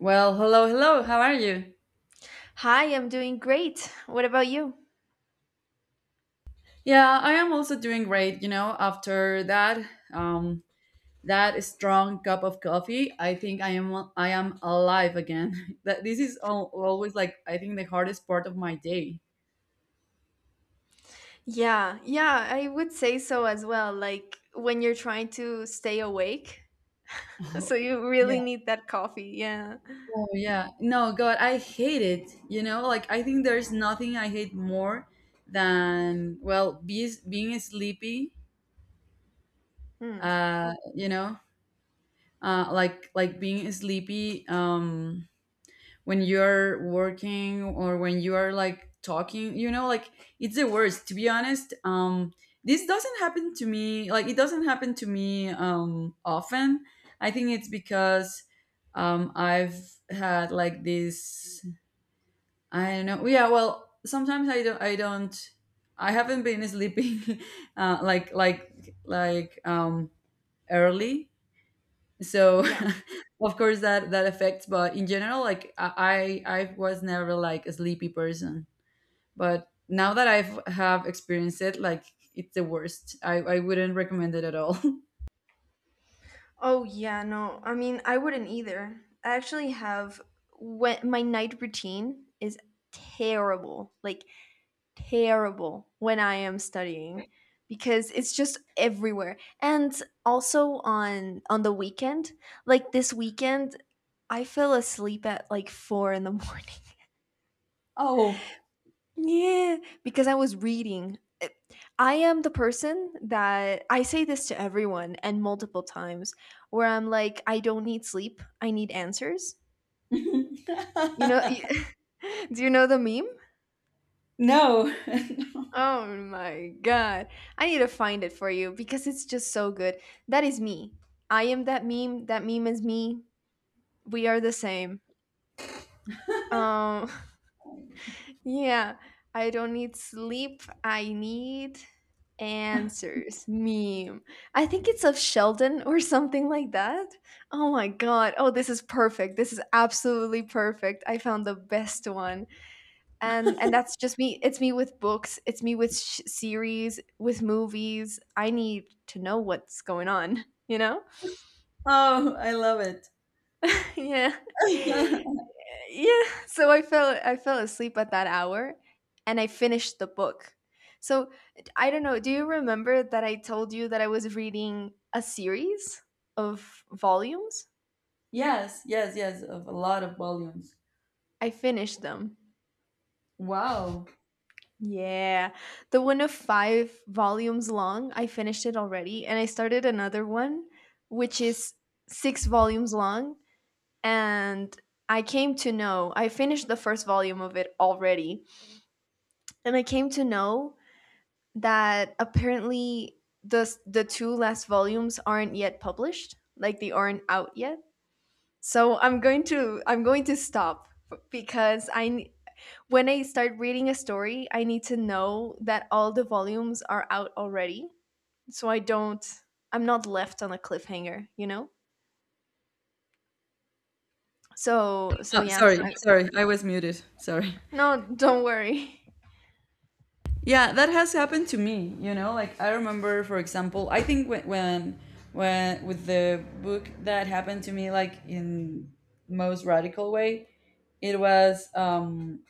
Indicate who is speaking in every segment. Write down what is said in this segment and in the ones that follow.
Speaker 1: Well, hello, hello. How are you?
Speaker 2: Hi, I'm doing great. What about you?
Speaker 1: Yeah, I am also doing great. You know, after that, um, that strong cup of coffee, I think I am alive again. That this is al always like I think the hardest part of my day.
Speaker 2: Yeah, yeah, I would say so as well. Like when you're trying to stay awake, so
Speaker 1: Oh,
Speaker 2: you
Speaker 1: yeah.
Speaker 2: really need that coffee. Yeah.
Speaker 1: Oh, yeah. No, God, I hate it. You know, like I think there's nothing I hate more than well, being sleepy.
Speaker 2: Hmm.
Speaker 1: Uh, you know, like being sleepy. When you're working or when you are like talking, it's the worst to be honest. This doesn't happen to me, like it doesn't happen to me often. I think it's because I've had like this. I don't know. Yeah, well, sometimes I haven't been sleeping, uh, like like like um early, so
Speaker 2: Yeah.
Speaker 1: of course that affects, but in general, like I was never like a sleepy person, but now that I've have experienced it, like it's the worst. I wouldn't recommend it at all.
Speaker 2: Oh, yeah, no. I mean, I wouldn't either. I actually have when my night routine is terrible. Like terrible when I am studying because it's just everywhere. And also on the weekend, like this weekend I fell asleep at like four in the morning.
Speaker 1: Oh.
Speaker 2: Yeah, because I was reading. I am the person that I say this to everyone and multiple times where I'm like, I don't need sleep. I need answers. You know, do you know the meme?
Speaker 1: No.
Speaker 2: Oh my God. I need to find it for you because it's just so good. That is me. I am that meme. That meme is me. We are the same. Um, Yeah, I don't need sleep. I need answers. Meme. I think it's of Sheldon or something like that. Oh my god. Oh, this is perfect. This is absolutely perfect. I found the best one. And that's just me. It's me with books. It's me with series, with movies. I need to know what's going on, you know?
Speaker 1: Oh, I love it.
Speaker 2: Yeah. Yeah. So I fell asleep at that hour and I finished the book. So I don't know, do you remember that I told you that I was reading a series of volumes?
Speaker 1: Yes, yes, yes, of a lot of volumes.
Speaker 2: I finished them.
Speaker 1: Wow.
Speaker 2: Yeah, the one of five volumes long, I finished it already and I started another one, which is six volumes long. And I came to know, I finished the first volume of it already, and I came to know that apparently the two last volumes aren't yet published, like they aren't out yet. So I'm going to stop because when I start reading a story, I need to know that all the volumes are out already, so I don't, I'm not left on a cliffhanger, you know. So
Speaker 1: Oh,
Speaker 2: yeah,
Speaker 1: sorry,
Speaker 2: I,
Speaker 1: sorry, I was muted, sorry.
Speaker 2: no, don't worry.
Speaker 1: Yeah, that has happened to me. You know, like I remember, for example, I think when with the book that happened to me, like in most radical way, it was um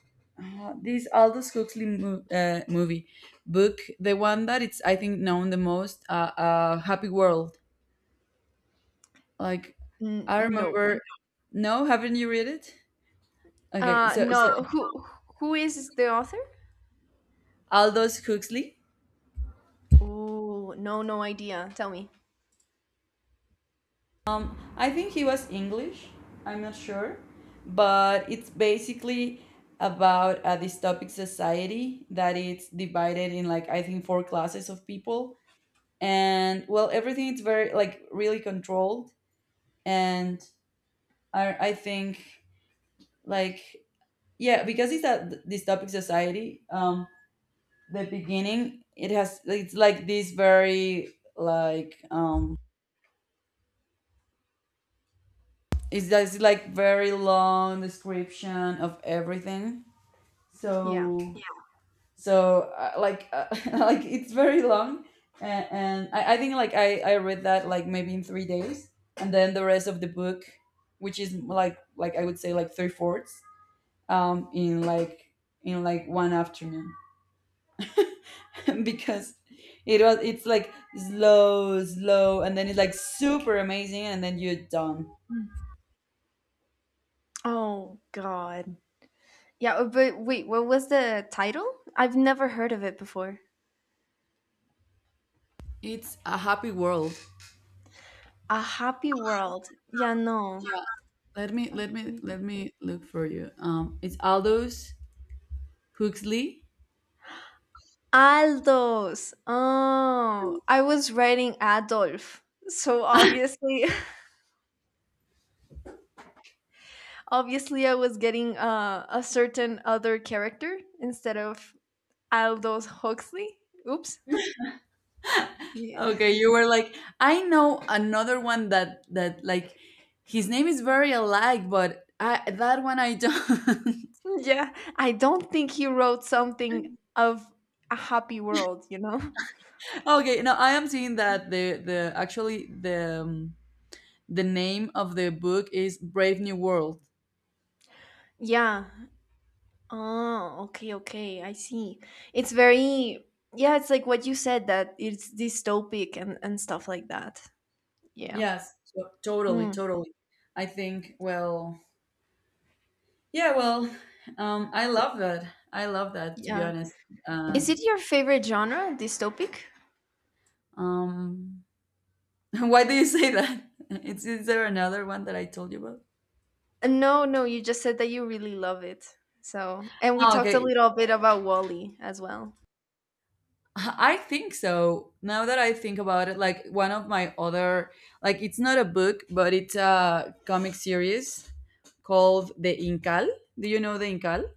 Speaker 1: uh, this Aldous Huxley movie book, the one that it's I think known the most, Happy World. Like I
Speaker 2: No,
Speaker 1: remember, no, haven't you read it? Okay, so
Speaker 2: no. Who is the author?
Speaker 1: Aldous Huxley.
Speaker 2: Oh, no, no idea. Tell me.
Speaker 1: I think he was English. I'm not sure, but it's basically about a dystopic society that it's divided in like I think four classes of people, and well, everything is very like really controlled, and I think like yeah, because it's a dystopic society. The beginning it has, it's like this very like it's just like very long description of everything,
Speaker 2: Yeah.
Speaker 1: so yeah. So like like it's very long, and I think like I read that like maybe in 3 days, and then the rest of the book, which is like I would say like three fourths, in like one afternoon, because it's like slow, slow, and then it's like super amazing, and then you're done.
Speaker 2: Oh god. Yeah, but wait, what was the title? I've never heard of it before.
Speaker 1: It's a happy world.
Speaker 2: A Happy World. Yeah, no.
Speaker 1: Yeah. Let me let me
Speaker 2: Happy-
Speaker 1: let me look for you. It's Aldous Huxley.
Speaker 2: Aldos. Oh, I was writing Adolf. So obviously, obviously I was getting a certain other character instead of Aldous Huxley. Oops. Yeah.
Speaker 1: Okay, you were like, I know another one that like his name is very alike, but I, that one I don't.
Speaker 2: Yeah, I don't think he wrote something of a happy world, you know?
Speaker 1: Okay, no, I am seeing that the actually the name of the book is Brave New World.
Speaker 2: Yeah. Oh, okay, okay. I see. It's very, yeah, it's like what you said that it's dystopic and stuff like that. Yeah.
Speaker 1: Yes, so, totally,
Speaker 2: Hmm.
Speaker 1: totally. I think well, yeah, well, I love that. I love that to be
Speaker 2: Yeah.
Speaker 1: honest. Uh,
Speaker 2: Is it your favorite genre, dystopic?
Speaker 1: um, why do you say that? Is there another one that I told you about?
Speaker 2: No, no, you just said that you really love it. So, and we
Speaker 1: Oh,
Speaker 2: talked a
Speaker 1: okay.
Speaker 2: little bit about Wally as well.
Speaker 1: I think so. Now that I think about it, like one of my other, like it's not a book, but it's a comic series called The Incal. Do you know The Incal?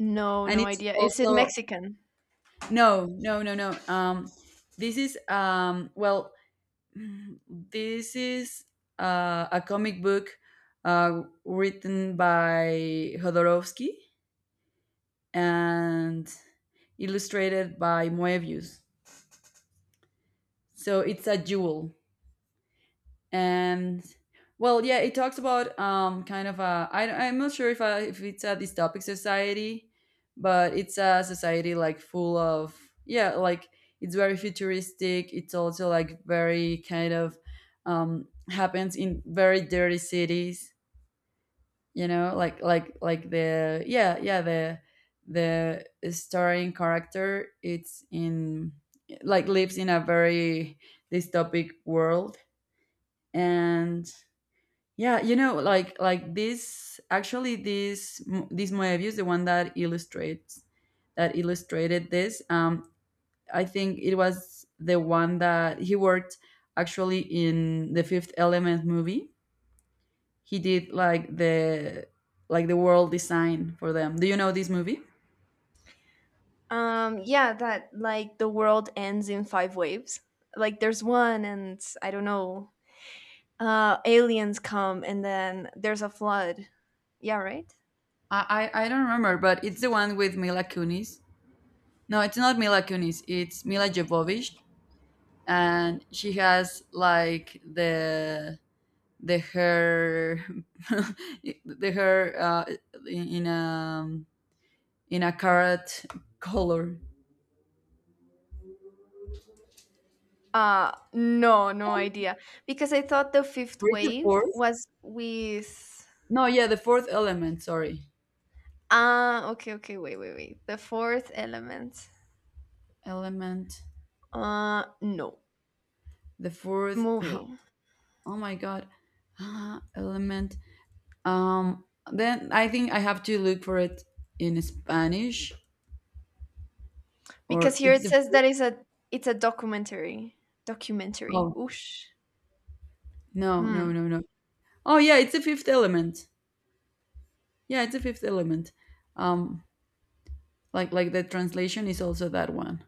Speaker 2: No,
Speaker 1: And
Speaker 2: no
Speaker 1: it's
Speaker 2: idea. Is it
Speaker 1: also
Speaker 2: Mexican?
Speaker 1: no, no, no, no. This is well, this is a comic book, written by Hodorovsky and illustrated by Moebius. So it's a jewel. And well, yeah, it talks about kind of a, I'm not sure if it's a dystopic society, but it's a society like full of, yeah, like it's very futuristic. It's also like very kind of happens in very dirty cities. You know, like the yeah, yeah, the starring character, it's in, like lives in a very dystopic world, and yeah, like this actually this Moebius, the one that illustrated this. I think it was the one that he worked actually in the Fifth Element movie. He did like the world design for them. Do you know this movie?
Speaker 2: Yeah, that like the world ends in five waves. Like there's one and I don't know, uh, aliens come and then there's a flood. Yeah, right.
Speaker 1: I don't remember, but it's the one with Mila Kunis. No, it's not Mila Kunis. It's Mila Jovovich, and she has like the hair, the hair in, in a um, in a carrot color.
Speaker 2: Uh, no, no idea because I thought the fifth
Speaker 1: Where is the
Speaker 2: wave
Speaker 1: fourth?
Speaker 2: was with,
Speaker 1: No, yeah, the fourth element. Sorry.
Speaker 2: ah, okay, okay. Wait, the fourth element.
Speaker 1: Element.
Speaker 2: Uh, no,
Speaker 1: The fourth.
Speaker 2: movie.
Speaker 1: Oh my god. Ah, element. um then I think I have to look for it in Spanish,
Speaker 2: Because
Speaker 1: or
Speaker 2: here
Speaker 1: it's
Speaker 2: it
Speaker 1: the
Speaker 2: says that
Speaker 1: fifth.
Speaker 2: it's a, it's a documentary. Documentary,
Speaker 1: Oh,
Speaker 2: oosh.
Speaker 1: no,
Speaker 2: Hmm.
Speaker 1: no, no, no. Oh, yeah, it's the fifth element. Yeah, it's the fifth element. um like the translation is also that one.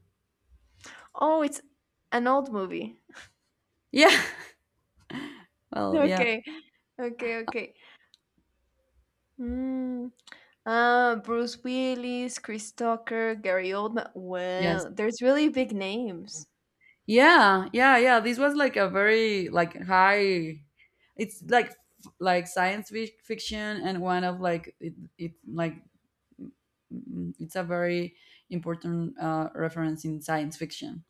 Speaker 2: Oh, it's an old movie.
Speaker 1: Yeah. Well, yeah.
Speaker 2: Okay. Okay. Hmm. Bruce Willis, Chris Tucker, Gary Oldman.
Speaker 1: Yes.
Speaker 2: Well, there's really big names.
Speaker 1: Yeah, yeah, yeah. This was like a very like high. It's like like science fiction, and one of like it like mm, it's a very important reference in science fiction.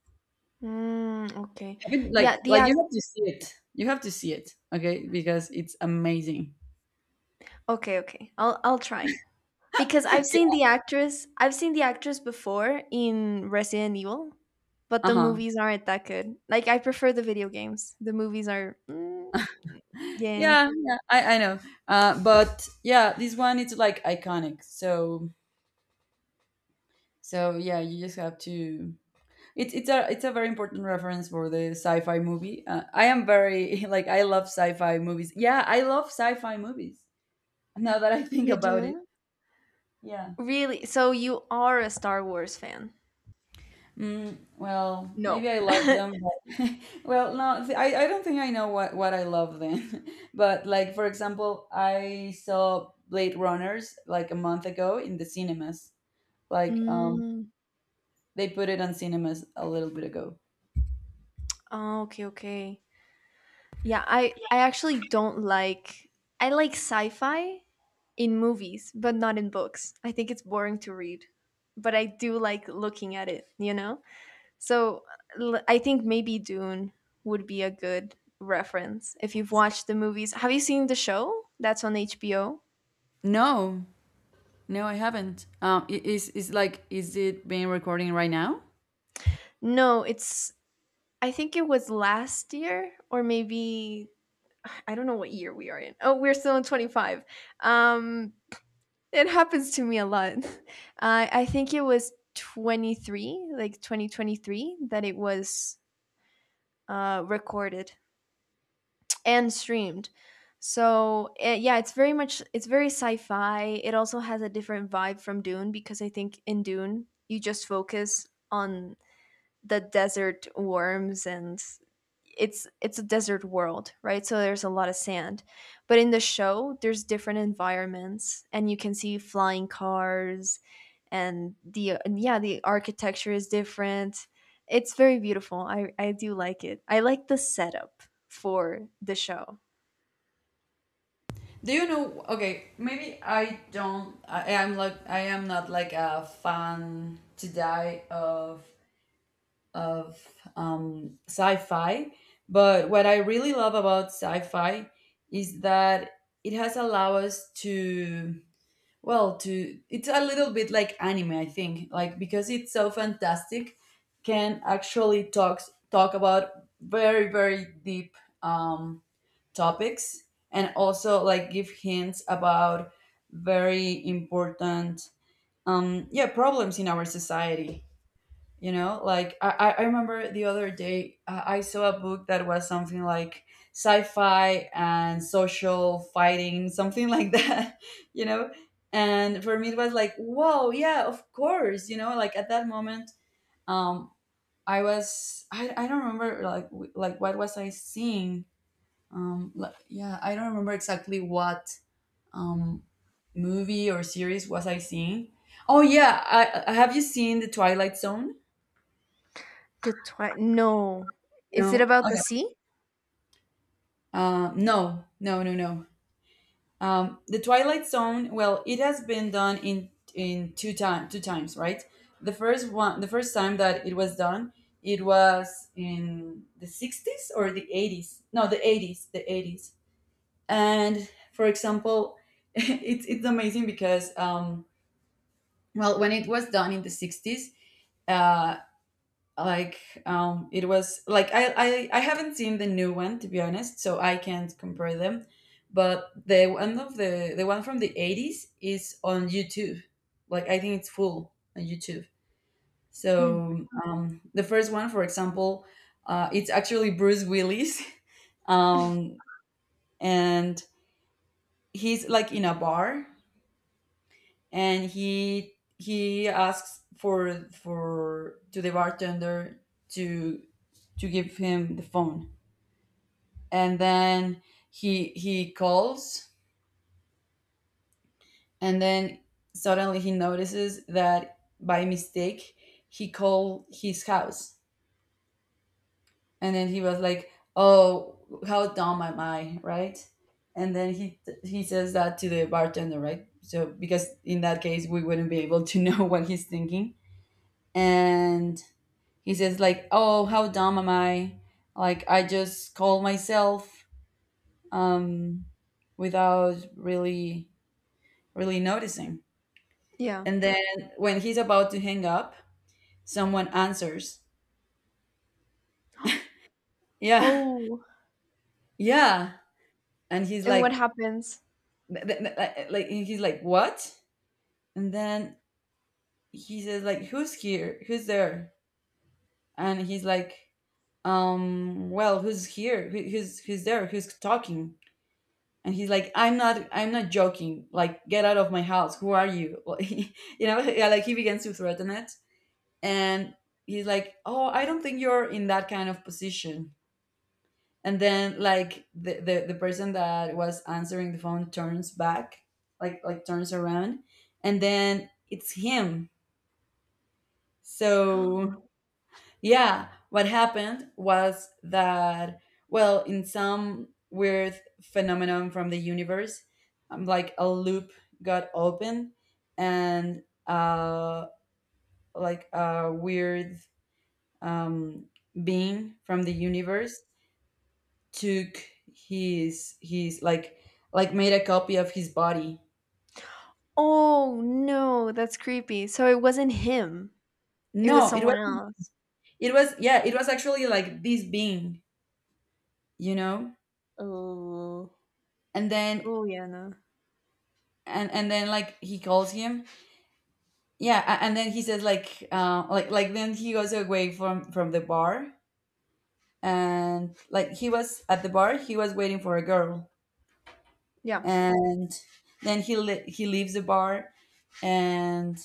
Speaker 2: Mm, okay. Yeah,
Speaker 1: Like
Speaker 2: the
Speaker 1: you
Speaker 2: act.
Speaker 1: have to see it. You have to see it, okay? Because it's amazing.
Speaker 2: Okay, okay. I'll try because I've seen the actress. I've seen the actress before in Resident Evil, but the
Speaker 1: Uh-huh.
Speaker 2: movies aren't that good. Like I prefer the video games. The movies are. Mm, yeah.
Speaker 1: Yeah, yeah, I know. But yeah, this one it's like iconic. So yeah, you just have to. It's a very important reference for the sci-fi movie. I am very like I love sci-fi movies. Yeah, I love sci-fi movies. Now that I think
Speaker 2: You
Speaker 1: about it,
Speaker 2: do
Speaker 1: yeah.
Speaker 2: really. So you are a Star Wars fan?
Speaker 1: Mm, well,
Speaker 2: No.
Speaker 1: maybe I love them. But well, no, I don't think I know what I love then. But like, for example, I saw Blade Runners like a month ago in the cinemas. Like
Speaker 2: Mm,
Speaker 1: they put it on cinemas a little bit ago.
Speaker 2: oh, okay, okay. Yeah, I actually don't like, I like sci-fi in movies, but not in books. I think it's boring to read, but I do like looking at it, you know? So, I think maybe Dune would be a good reference if you've watched the movies. Have you seen the show? That's on HBO.
Speaker 1: No. No, I haven't. Is it being recording right now?
Speaker 2: No, it's, I think it was last year or maybe I don't know what year we are in. Oh, we're still in 25. Um it happens to me a lot. I think it was 23, like 2023, that it was recorded and streamed. So yeah, it's very much, it's very sci-fi. It also has a different vibe from Dune because I think in Dune you just focus on the desert worms and it's a desert world, right? So there's a lot of sand. But in the show, there's different environments and you can see flying cars and the, and yeah, the architecture is different. It's very beautiful. I do like it. I like the setup for the show.
Speaker 1: Do you know? Okay, maybe I don't. I am like I am not like a fan to die of sci-fi. But what I really love about sci-fi is that it has allowed us to, well, to it's a little bit like anime, I think, like because it's so fantastic, can actually talk about very, very deep um, topics, and also like give hints about very important, yeah, problems in our society. Like I remember the other day, I saw a book that was something like sci-fi and social fighting, something like that. you know and for me it was like, whoa, yeah, of course. At that moment, um I don't remember like like what was I seeing. Like, yeah, I don't remember exactly what um movie or series was I seeing. Oh, yeah, have you seen the Twilight Zone?
Speaker 2: The twi- no. Is it
Speaker 1: No.
Speaker 2: about the
Speaker 1: Okay.
Speaker 2: sea?
Speaker 1: No, no, no, no. The Twilight Zone. Well, it has been done in two times, right? The first one, the first time that it was done, it was in the 60s or the 80s. No, the 80s, the 80s. And for example, it's amazing because well, when it was done in the 60s, uh. like it was like I haven't seen the new one to be honest, so I can't compare them. But the one from the 80s is on YouTube. Like, I think it's full on YouTube.
Speaker 2: Hmm.
Speaker 1: So the first one, for example, it's actually Bruce Willis. um and he's like in a bar, and he asks for to the bartender to give him the phone. And then he calls, and then suddenly he notices that by mistake he called his house, and then he was like, oh, how dumb am I, right? And then he says that to the bartender, right? So because in that case we wouldn't be able to know what he's thinking. And he says like, oh, how dumb am I, like I just called myself um without really, really noticing.
Speaker 2: Yeah.
Speaker 1: And then when he's about to hang up, someone answers, "Yeah,
Speaker 2: Oh,
Speaker 1: yeah," and he's
Speaker 2: and what
Speaker 1: like,
Speaker 2: happens?
Speaker 1: "What?" And then he says, "Like, who's here? Who's there?" And he's like, Well, who's here? Who's there? Who's talking?" And he's like, I'm not joking. Like, get out of my house. Who are you?" Yeah, like he begins to threaten it, and he's like, "Oh, I don't think you're in that kind of position." And then like the person that was answering the phone turns back, like turns around, and then it's him. So yeah, what happened was that, well, in some weird phenomenon from the universe, like a loop got open, and like a weird um being from the universe took his, like, made a copy of his body.
Speaker 2: Oh, no, that's creepy. So it wasn't him. It was
Speaker 1: No, it was
Speaker 2: someone else.
Speaker 1: yeah, it was actually like this being, you know?
Speaker 2: Oh.
Speaker 1: And then
Speaker 2: Oh, yeah, no.
Speaker 1: like he calls him. Yeah, and then he says like like then he goes away from the bar and like he was at the bar, he was waiting for a girl.
Speaker 2: Yeah.
Speaker 1: And then he leaves the bar and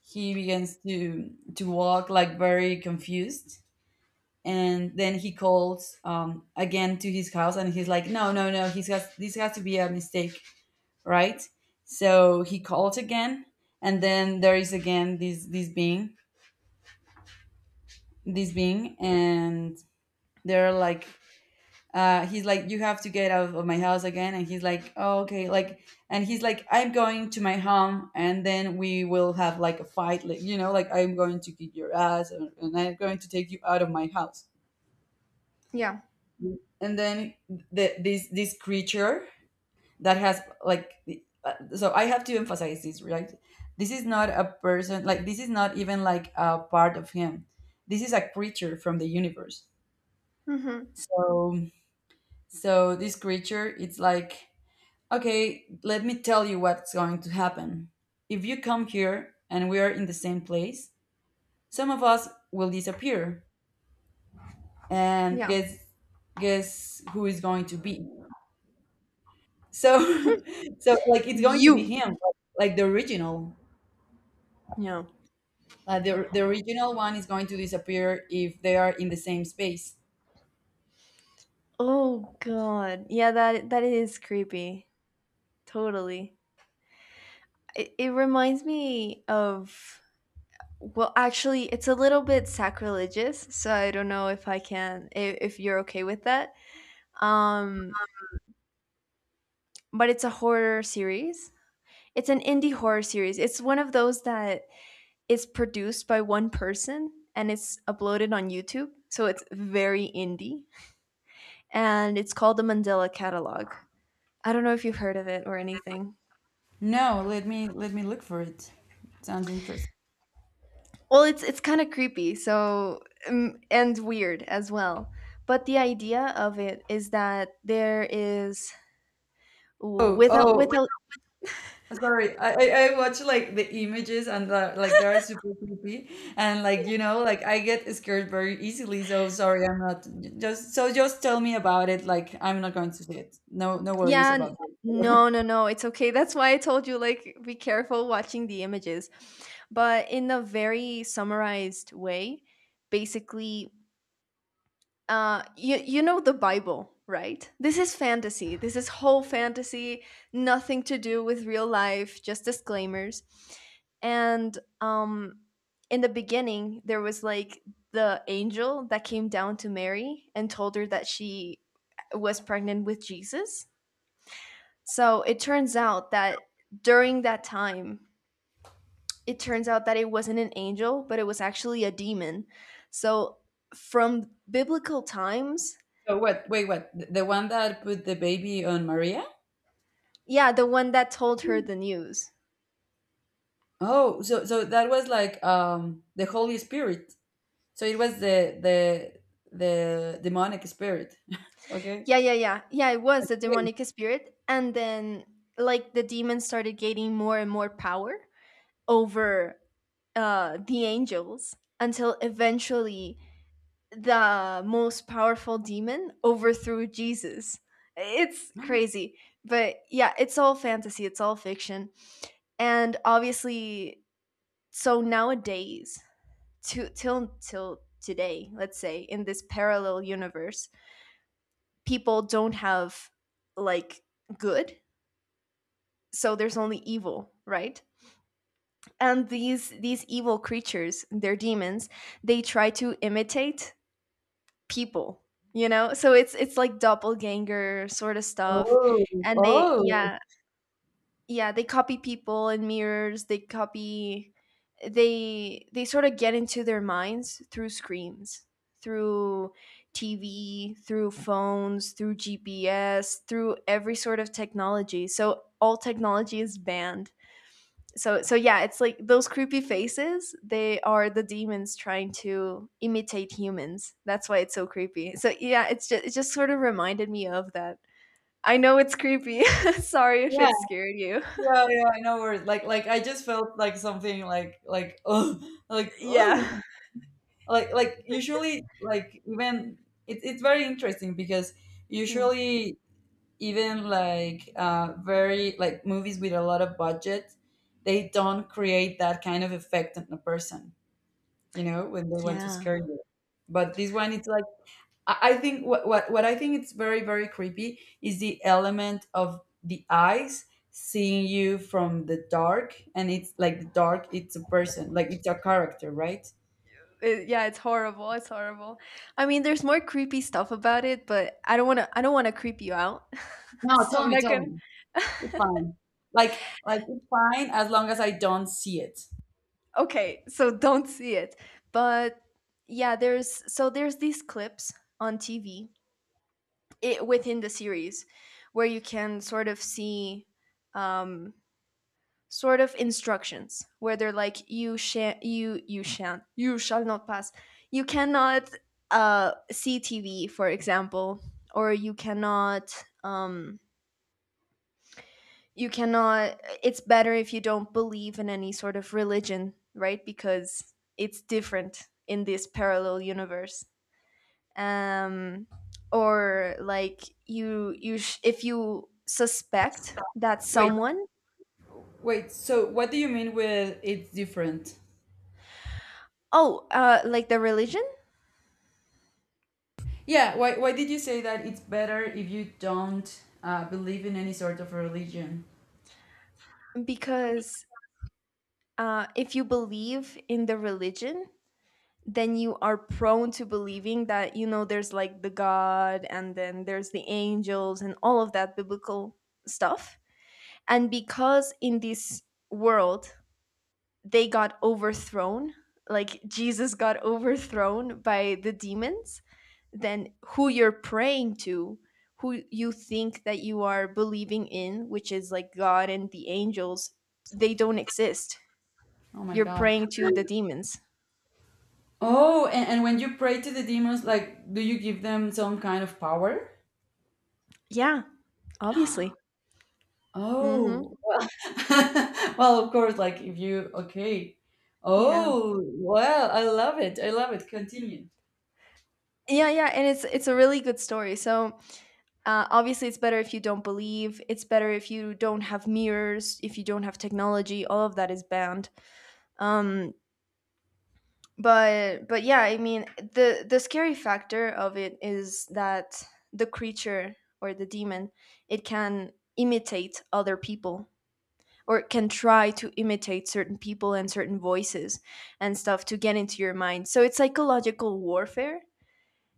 Speaker 1: he begins to walk like very confused, and then he calls again to his house, and he's like, no no no, this has to be a mistake, right? So he calls again, and then there is again this being, this being and they're like, he's like, you have to get out of my house again, and he's like, oh, okay, like, and he's like, I'm going to my home and then we will have like a fight, like, you know, like I'm going to kick your ass, and I'm going to take you out of my house.
Speaker 2: Yeah.
Speaker 1: And then this this creature that has like so I have to emphasize this, right? This is not a person, like this is not even like a part of him. This is a creature from the universe.
Speaker 2: Mhm.
Speaker 1: so so this creature, it's like, okay, let me tell you what's going to happen. If you come here and we are in the same place, some of us will disappear. And
Speaker 2: Yeah.
Speaker 1: guess guess who is going to be. So, so like it's going to be
Speaker 2: You.
Speaker 1: him, but, like the original.
Speaker 2: Yeah.
Speaker 1: The original one is going to disappear if they are in the same space.
Speaker 2: Oh God. Yeah, that is creepy. Totally. It reminds me of, well, actually, it's a little bit sacrilegious, so I don't know if I can, if you're okay with that. Um, but it's a horror series. It's an indie horror series. It's one of those that is produced by one person and it's uploaded on YouTube. So it's very indie and it's called the Mandela Catalog. I don't know if you've heard of it or anything.
Speaker 1: No, let me look for it. Sounds interesting.
Speaker 2: Well, it's kind of creepy, so and weird as well. But the idea of it is that there is,
Speaker 1: Oh,
Speaker 2: without
Speaker 1: oh, wait,
Speaker 2: without,
Speaker 1: sorry. I watch like the images and like they are super creepy, and like, you know, like I get scared very easily. So sorry, I'm not, just so just tell me about it. Like I'm not going to see it. No, no worries
Speaker 2: yeah,
Speaker 1: about that.
Speaker 2: no, no, no, it's okay. That's why I told you, like be careful watching the images. But in a very summarized way, basically, uh, you know the bible, right? This is fantasy, this is whole fantasy, nothing to do with real life, just disclaimers. And um, in the beginning there was like the angel that came down to Mary and told her that she was pregnant with Jesus. So it turns out that during that time, it turns out that it wasn't an angel but it was actually a demon. So from biblical times.
Speaker 1: So what? Wait, what? The one that put the baby on Maria?
Speaker 2: Yeah, the one that told her the news.
Speaker 1: Oh, so so that was like the Holy Spirit. So it was the the demonic spirit. Okay.
Speaker 2: Yeah, yeah, yeah. Yeah, it was the
Speaker 1: Okay.
Speaker 2: demonic spirit. And then, like, the demons started gaining more and more power over the angels until eventually the most powerful demon overthrew Jesus. It's crazy. But yeah, it's all fantasy, it's all fiction. And obviously, so nowadays, to, till today, let's say, in this parallel universe, people don't have, like, good. So there's only evil, right? And these evil creatures, they're demons. They try to imitate people, you know. So it's like doppelganger sort of stuff.
Speaker 1: Oh,
Speaker 2: And they,
Speaker 1: oh,
Speaker 2: yeah, yeah, they copy people. And mirrors, they copy, they sort of get into their minds through screens, through TV, through phones, through GPS, through every sort of technology. So all technology is banned. So so yeah, it's like those creepy faces, they are the demons trying to imitate humans. That's why it's so creepy. So yeah, it's just, it just sort of reminded me of that. I know it's creepy. Sorry if
Speaker 1: yeah,
Speaker 2: it scared you.
Speaker 1: yeah, yeah. I know where. Like I just felt like something like, oh,
Speaker 2: Yeah.
Speaker 1: like, like. Usually, like, even, it's very interesting because
Speaker 2: Hmm.
Speaker 1: usually even like very like movies with a lot of budget, they don't create that kind of effect on a person, you know, when they want to scare
Speaker 2: Yeah.
Speaker 1: you, but this one, it's like, I think what I think it's very very creepy is the element of the eyes seeing you from the dark, and it's like the dark, it's a person, like it's a character, right?
Speaker 2: It, yeah, it's horrible. It's horrible. I mean, there's more creepy stuff about it, but I don't want to, I don't want to creep you out.
Speaker 1: No,
Speaker 2: So I'm not
Speaker 1: tell
Speaker 2: going
Speaker 1: me, it's fine, like like it's fine as long as I don't see it.
Speaker 2: to. Okay, so don't see it. But yeah, there's so there's these clips on TV, it, within the series, where you can sort of see um, sort of instructions where they're like, you you you shan't, you shall not pass, you cannot see TV, for example, or you cannot um, you cannot, it's better if you don't believe in any sort of religion, right? Because it's different in this parallel universe. Um, or like you, if you suspect that
Speaker 1: Wait,
Speaker 2: someone,
Speaker 1: wait, so what do you mean with it's different?
Speaker 2: oh, uh, like the religion.
Speaker 1: Yeah, why did you say that it's better if you don't believe in any sort of religion?
Speaker 2: Because if you believe in the religion, then you are prone to believing that, you know, there's like the God and then there's the angels and all of that biblical stuff. And because in this world they got overthrown, like Jesus got overthrown by the demons, then who you're praying to, who you think that you are believing in, which is like God and the angels, they don't exist.
Speaker 1: Oh my
Speaker 2: You're
Speaker 1: god.
Speaker 2: praying to the demons.
Speaker 1: Oh, and when you pray to the demons, like, do you give them some kind of power?
Speaker 2: Yeah, obviously. Hmm.
Speaker 1: Oh, well, of course, like, if you, okay.
Speaker 2: Yeah.
Speaker 1: Oh, well, I love it. I love it. Continue.
Speaker 2: Yeah, yeah, and it's a really good story. So, obviously, it's better if you don't believe. It's better if you don't have mirrors, if you don't have technology. All of that is banned. Um, but yeah, I mean, the scary factor of it is that the creature or the demon, it can imitate other people or it can try to imitate certain people and certain voices and stuff to get into your mind. So it's psychological warfare,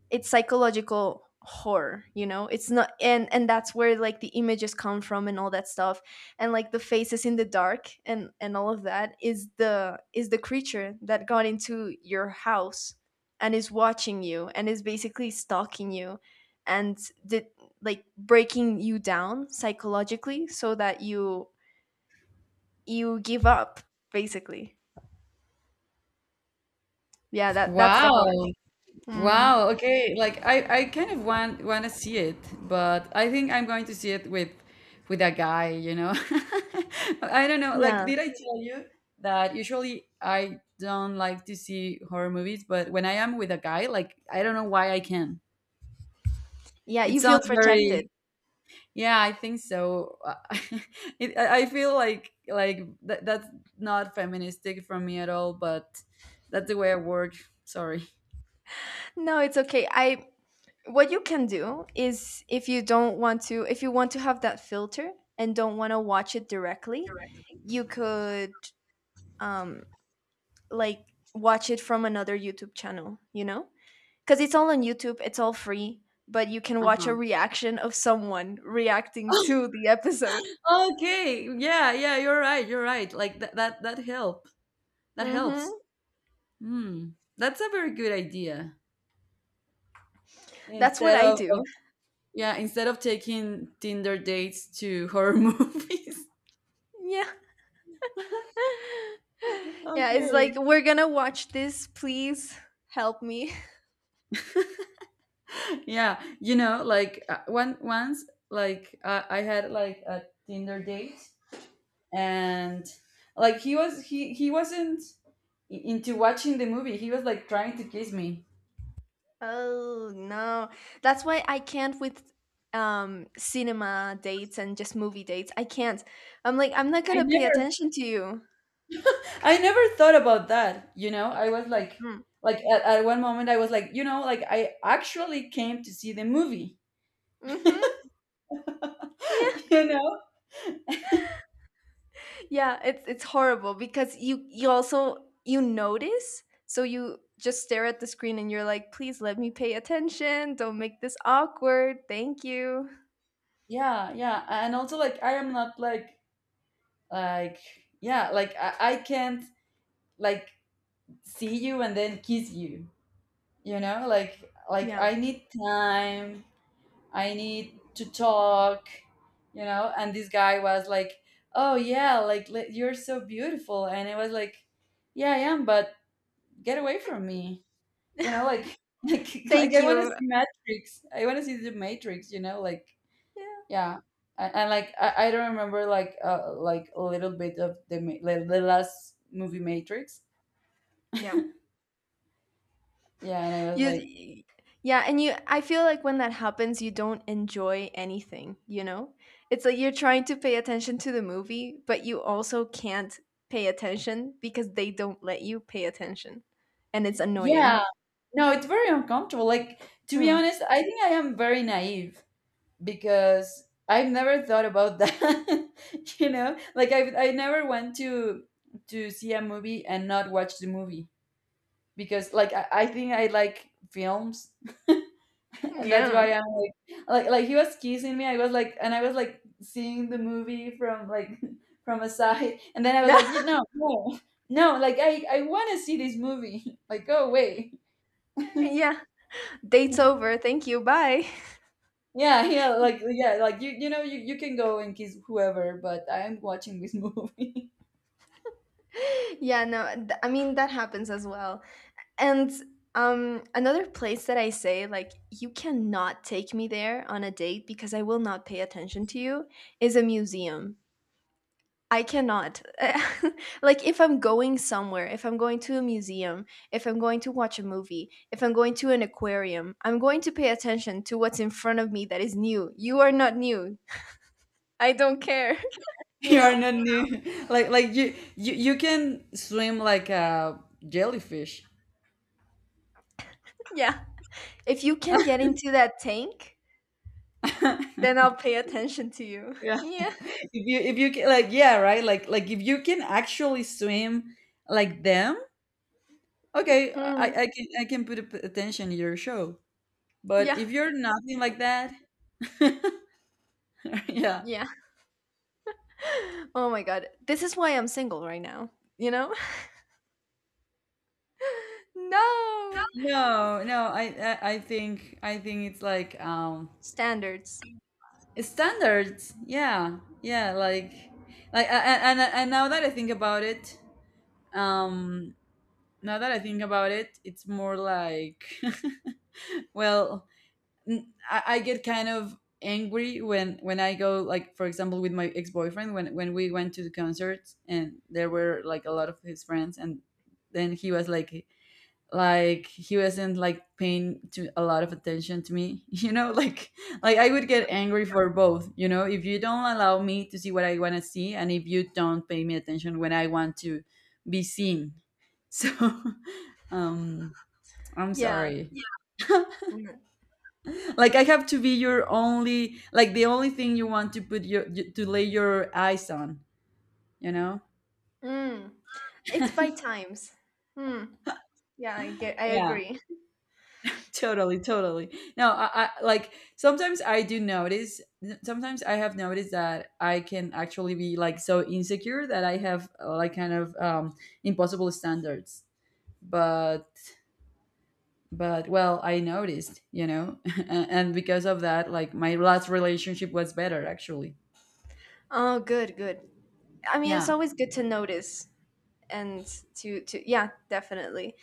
Speaker 2: it's psychological horror. It's not, and that's where, like, the images come from and all that stuff, and like the faces in the dark, and all of that is the creature that got into your house and is watching you and is basically stalking you and did, like, breaking you down psychologically so that you give up, basically. Yeah, that's the
Speaker 1: Wow.
Speaker 2: horror. Hmm.
Speaker 1: Wow, okay. I kind of want to see it, but I think I'm going to see it with a guy, you know. I don't know. Like
Speaker 2: Yeah.
Speaker 1: did I tell you that usually I don't like to see horror movies, but when I am with a guy, like I don't know why I can.
Speaker 2: Yeah,
Speaker 1: It
Speaker 2: you feel
Speaker 1: sounds
Speaker 2: protected.
Speaker 1: very. Yeah, I think so. it, I feel like that, that's not feministic from me at all, but that's the way I work. Sorry.
Speaker 2: No, it's okay. I, what you can do is if you don't want to, if you want to have that filter and don't want to watch it directly, you could, um like, watch it from another YouTube channel. Because it's all on YouTube, it's all free. But you can watch a
Speaker 1: Uh-huh.
Speaker 2: reaction of someone reacting to the episode.
Speaker 1: Okay. Yeah, yeah, you're right. You're right. Like that help. That helps.
Speaker 2: Hmm.
Speaker 1: Hmm. That's a very good idea.
Speaker 2: That's what I
Speaker 1: Of,
Speaker 2: do.
Speaker 1: yeah, instead of taking Tinder dates to horror movies.
Speaker 2: Yeah. Yeah, it's
Speaker 1: Okay.
Speaker 2: like, we're gonna watch this, please help me.
Speaker 1: Yeah, you know, like one once, like I had like a Tinder date, and like he wasn't into watching the movie. He was like trying to kiss me.
Speaker 2: Oh no. That's why I can't with cinema dates and just movie dates. I can't. I'm like, I'm not going
Speaker 1: I
Speaker 2: to pay attention to you.
Speaker 1: I never thought about that. You know, I was
Speaker 2: Mm.
Speaker 1: like at one moment I was like, you know, like I actually came to see the movie.
Speaker 2: Mhm. Yeah.
Speaker 1: you know?
Speaker 2: Yeah, it's horrible because you also, you notice, so you just stare at the screen and you're like, "Please let me pay attention. Don't make this awkward. Thank you."
Speaker 1: Yeah, yeah, and also like I am not like, like, yeah, like I can't, like, see you and then kiss you. You know, like
Speaker 2: Yeah.
Speaker 1: I need time. I need to talk. You know, and this guy was like, oh yeah, you're so beautiful, and it was like, yeah, I am, but get away from me. You know, like like like
Speaker 2: Thank
Speaker 1: I wanna
Speaker 2: you.
Speaker 1: see Matrix. I wanna see the Matrix, you know, like
Speaker 2: Yeah.
Speaker 1: yeah. And, like I don't remember like a little bit of the ma like the last movie Matrix.
Speaker 2: Yeah.
Speaker 1: Yeah, and I was like,
Speaker 2: You Yeah, and you I feel like when that happens, you don't enjoy anything, you know? It's like you're trying to pay attention to the movie, but you also can't pay attention because they don't let you pay attention. And it's
Speaker 1: yeah.
Speaker 2: annoying.
Speaker 1: No, it's very uncomfortable. Like, to be
Speaker 2: Hmm.
Speaker 1: honest, I think I am very naive because I've never thought about that. You know? Like I never went to see a movie and not watch the movie, because like I think I like films, and that's
Speaker 2: Yeah.
Speaker 1: why I'm like he was kissing me. I was like, and I was like seeing the movie from like from a side, and then I was like, you know, no, no, like I want to see this movie. Like, go away.
Speaker 2: Yeah. Date's over. Thank you. Bye.
Speaker 1: Yeah, yeah, like you know, you can go and kiss whoever, but I'm watching this movie.
Speaker 2: Yeah, no. I mean, that happens as well. And another place that I say, like, you cannot take me there on a date because I will not pay attention to you is a museum. I cannot. Like, if I'm going somewhere, if I'm going to a museum, if I'm going to watch a movie, if I'm going to an aquarium, I'm going to pay attention to what's in front of me that is new. You are not new. I don't care, you
Speaker 1: you
Speaker 2: know?
Speaker 1: are not new. Like you can swim like a jellyfish.
Speaker 2: Yeah. If you can get into that tank, then I'll pay attention to you.
Speaker 1: yeah,
Speaker 2: Yeah.
Speaker 1: if you can, like yeah, right, like if you can actually swim like them, okay, I, I
Speaker 2: Mm.
Speaker 1: can I can put attention to your show, but
Speaker 2: Yeah.
Speaker 1: if you're nothing like that, yeah,
Speaker 2: Yeah. Oh my god. This is why I'm single right now. You know? No.
Speaker 1: no, no, I think it's like
Speaker 2: Standards.
Speaker 1: standards, yeah, yeah, like and now that I think about it, um, now that I think about it, it's more like well, I get kind of angry when I go, like for example with my ex boyfriend, when we went to the concerts and there were like a lot of his friends, and then he was like he wasn't like paying to a lot of attention to me. You know, like I would
Speaker 2: Yeah.
Speaker 1: get angry for both, you know, if you don't allow me to see what I want to see, and if you don't pay me attention when I want to be seen. So um I'm
Speaker 2: Yeah.
Speaker 1: sorry.
Speaker 2: Mm.
Speaker 1: Like I have to be your only, like the only thing you want to put your to lay your eyes on, you know.
Speaker 2: Mm. It's by times. Hmm. Yeah, I
Speaker 1: Yeah,
Speaker 2: agree.
Speaker 1: totally totally. No, I, like sometimes I do notice, sometimes I have noticed that I can actually be like so insecure that I have like kind of impossible standards, but but well I noticed, you know. And because of that, like my last relationship was better actually.
Speaker 2: Oh, good, good. I mean, it's
Speaker 1: Yeah.
Speaker 2: always good to notice, and to yeah, definitely.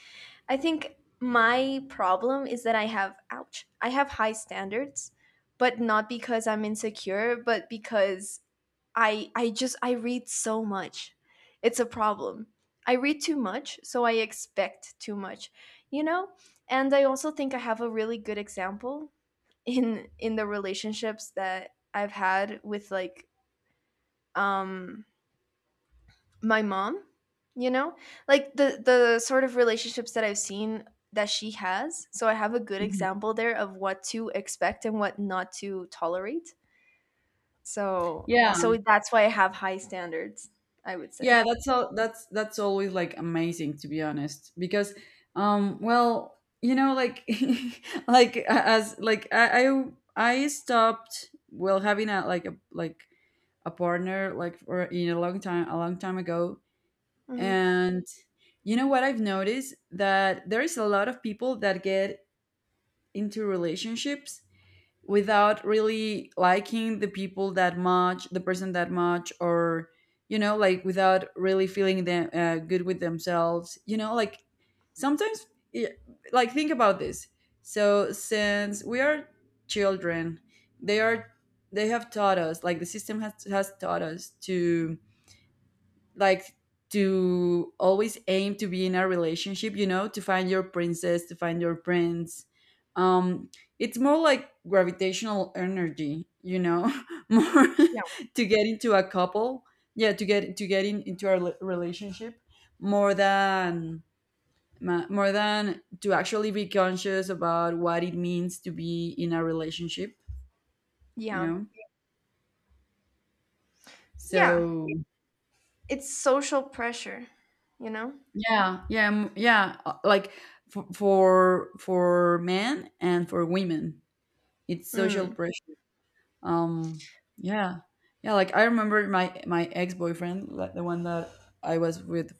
Speaker 2: I think my problem is that I have, ouch, I have high standards, but not because I'm insecure, but because I just, I read so much. It's a problem. I read too much, so I expect too much, you know? And I also think I have a really good example in the relationships that I've had with, like, um my mom, you know? Like the sort of relationships that I've seen that she has. So I have a good
Speaker 1: Mhm.
Speaker 2: example there of what to expect and what not to tolerate. So
Speaker 1: Yeah.
Speaker 2: that's why I have high standards, I would say.
Speaker 1: Yeah, that's all that's always like amazing, to be honest, because well, you know, like like as like I stopped, well, having a like a like a partner like for in a long time, a long time ago,
Speaker 2: Mhm.
Speaker 1: and you know what, I've noticed that there is a lot of people that get into relationships without really liking the people that much, the person that much, or you know, like without really feeling them good with themselves. You know, like sometimes, yeah, like think about this. So since we are children, they are, they have taught us, like the system has taught us to like to always aim to be in a relationship, you know, to find your princess, to find your prince, um it's more like gravitational energy, you know. more
Speaker 2: Yeah.
Speaker 1: to get into a couple, yeah, to get, into a relationship more than, more than to actually be conscious about what it means to be in a relationship, you
Speaker 2: Yeah.
Speaker 1: know,
Speaker 2: Yeah,
Speaker 1: so.
Speaker 2: it's social pressure, you know?
Speaker 1: Yeah, yeah, yeah. Like for men and for women, it's social
Speaker 2: Mm.
Speaker 1: pressure. Um, yeah, yeah. Like I remember my my ex boyfriend, like the one that I was with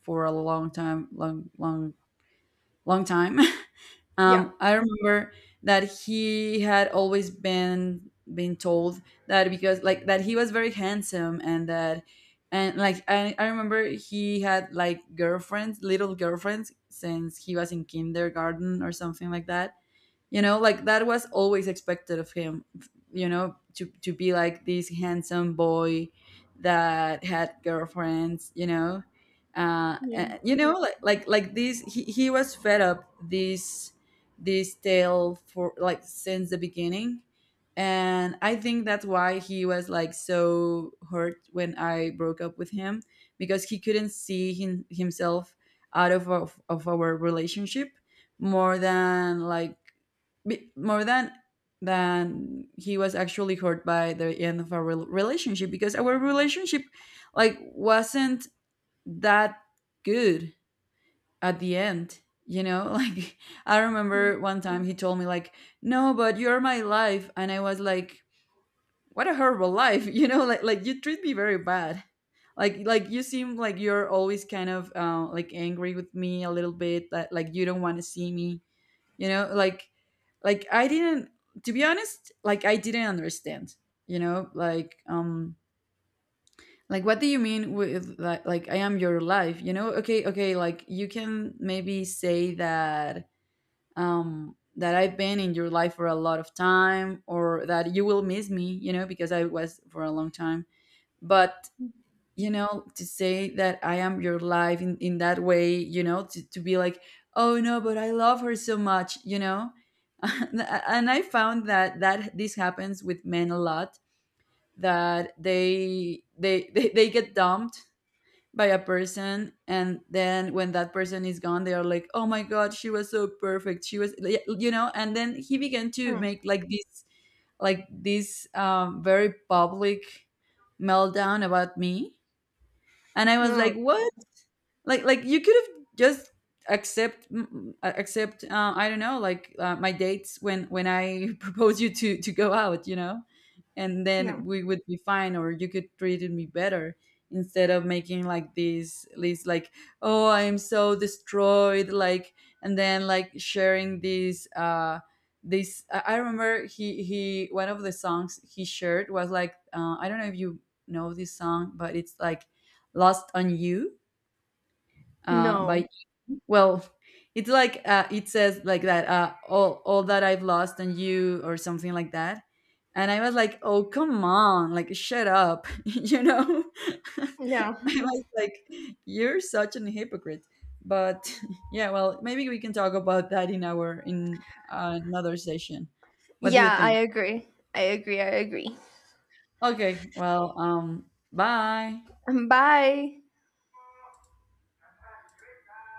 Speaker 1: for a long time, long, long, long time.
Speaker 2: Yeah.
Speaker 1: I remember that he had always been told that, because like that he was very handsome and that, and like I remember he had like girlfriends, little girlfriends, since he was in kindergarten or something like that, you know, like that was always expected of him, you know, to be like this handsome boy that had girlfriends, you know.
Speaker 2: Yeah.
Speaker 1: You know, like this he was fed up this this tale for, like since the beginning, and I think that's why he was like so hurt when I broke up with him, because he couldn't see himself out of, of our relationship more than like, more than he was actually hurt by the end of our relationship, because our relationship like wasn't that good at the end, you know. Like I
Speaker 2: Yeah.
Speaker 1: remember one time he told me like, no but you're my life, and I was like, what a horrible life. You know, like you treat me very bad, like you seem like you're always kind of like angry with me a little bit, that like you don't want to see me, you know, like I didn't, to be honest, like I didn't understand, you know, like what do you mean with like I am your life, you know. Okay, okay, like you can maybe say that, that I've been in your life for a lot of time, or that you will miss me, you know, because I was for a long time, but, you know, to say that I am your life in that way, you know, to be like oh no but I love her so much, you know. And I found that, that this happens with men a lot, that they they get dumped by a person, and then when that person is gone they are like, oh my god she was so perfect, she was, yeah, you know. And then he began to
Speaker 2: Mm.
Speaker 1: make like this, like this very public meltdown about me, and I was
Speaker 2: Oh,
Speaker 1: like, "What?
Speaker 2: god.
Speaker 1: like you could have just accept, accept, I don't know, like, my dates when I propose you to go out, you know, and
Speaker 2: Yeah.
Speaker 1: then we would be fine, or you could treat me better, instead of making like this list, like, oh I am so destroyed, like, and then like sharing this this, I remember he, one of the songs he shared was like, I don't know if you know this song, but it's like Lost On You,
Speaker 2: No.
Speaker 1: by, well it's like, it says like that, all that I've lost on you, or something like that, and I was like, oh come on, like shut up. You know? I
Speaker 2: Yeah.
Speaker 1: was like, you're such an hypocrite. But yeah, well maybe we can talk about that in our in, another session. What do you
Speaker 2: Yeah, I
Speaker 1: think?
Speaker 2: agree. I agree. I agree.
Speaker 1: Okay, well bye.
Speaker 2: Bye.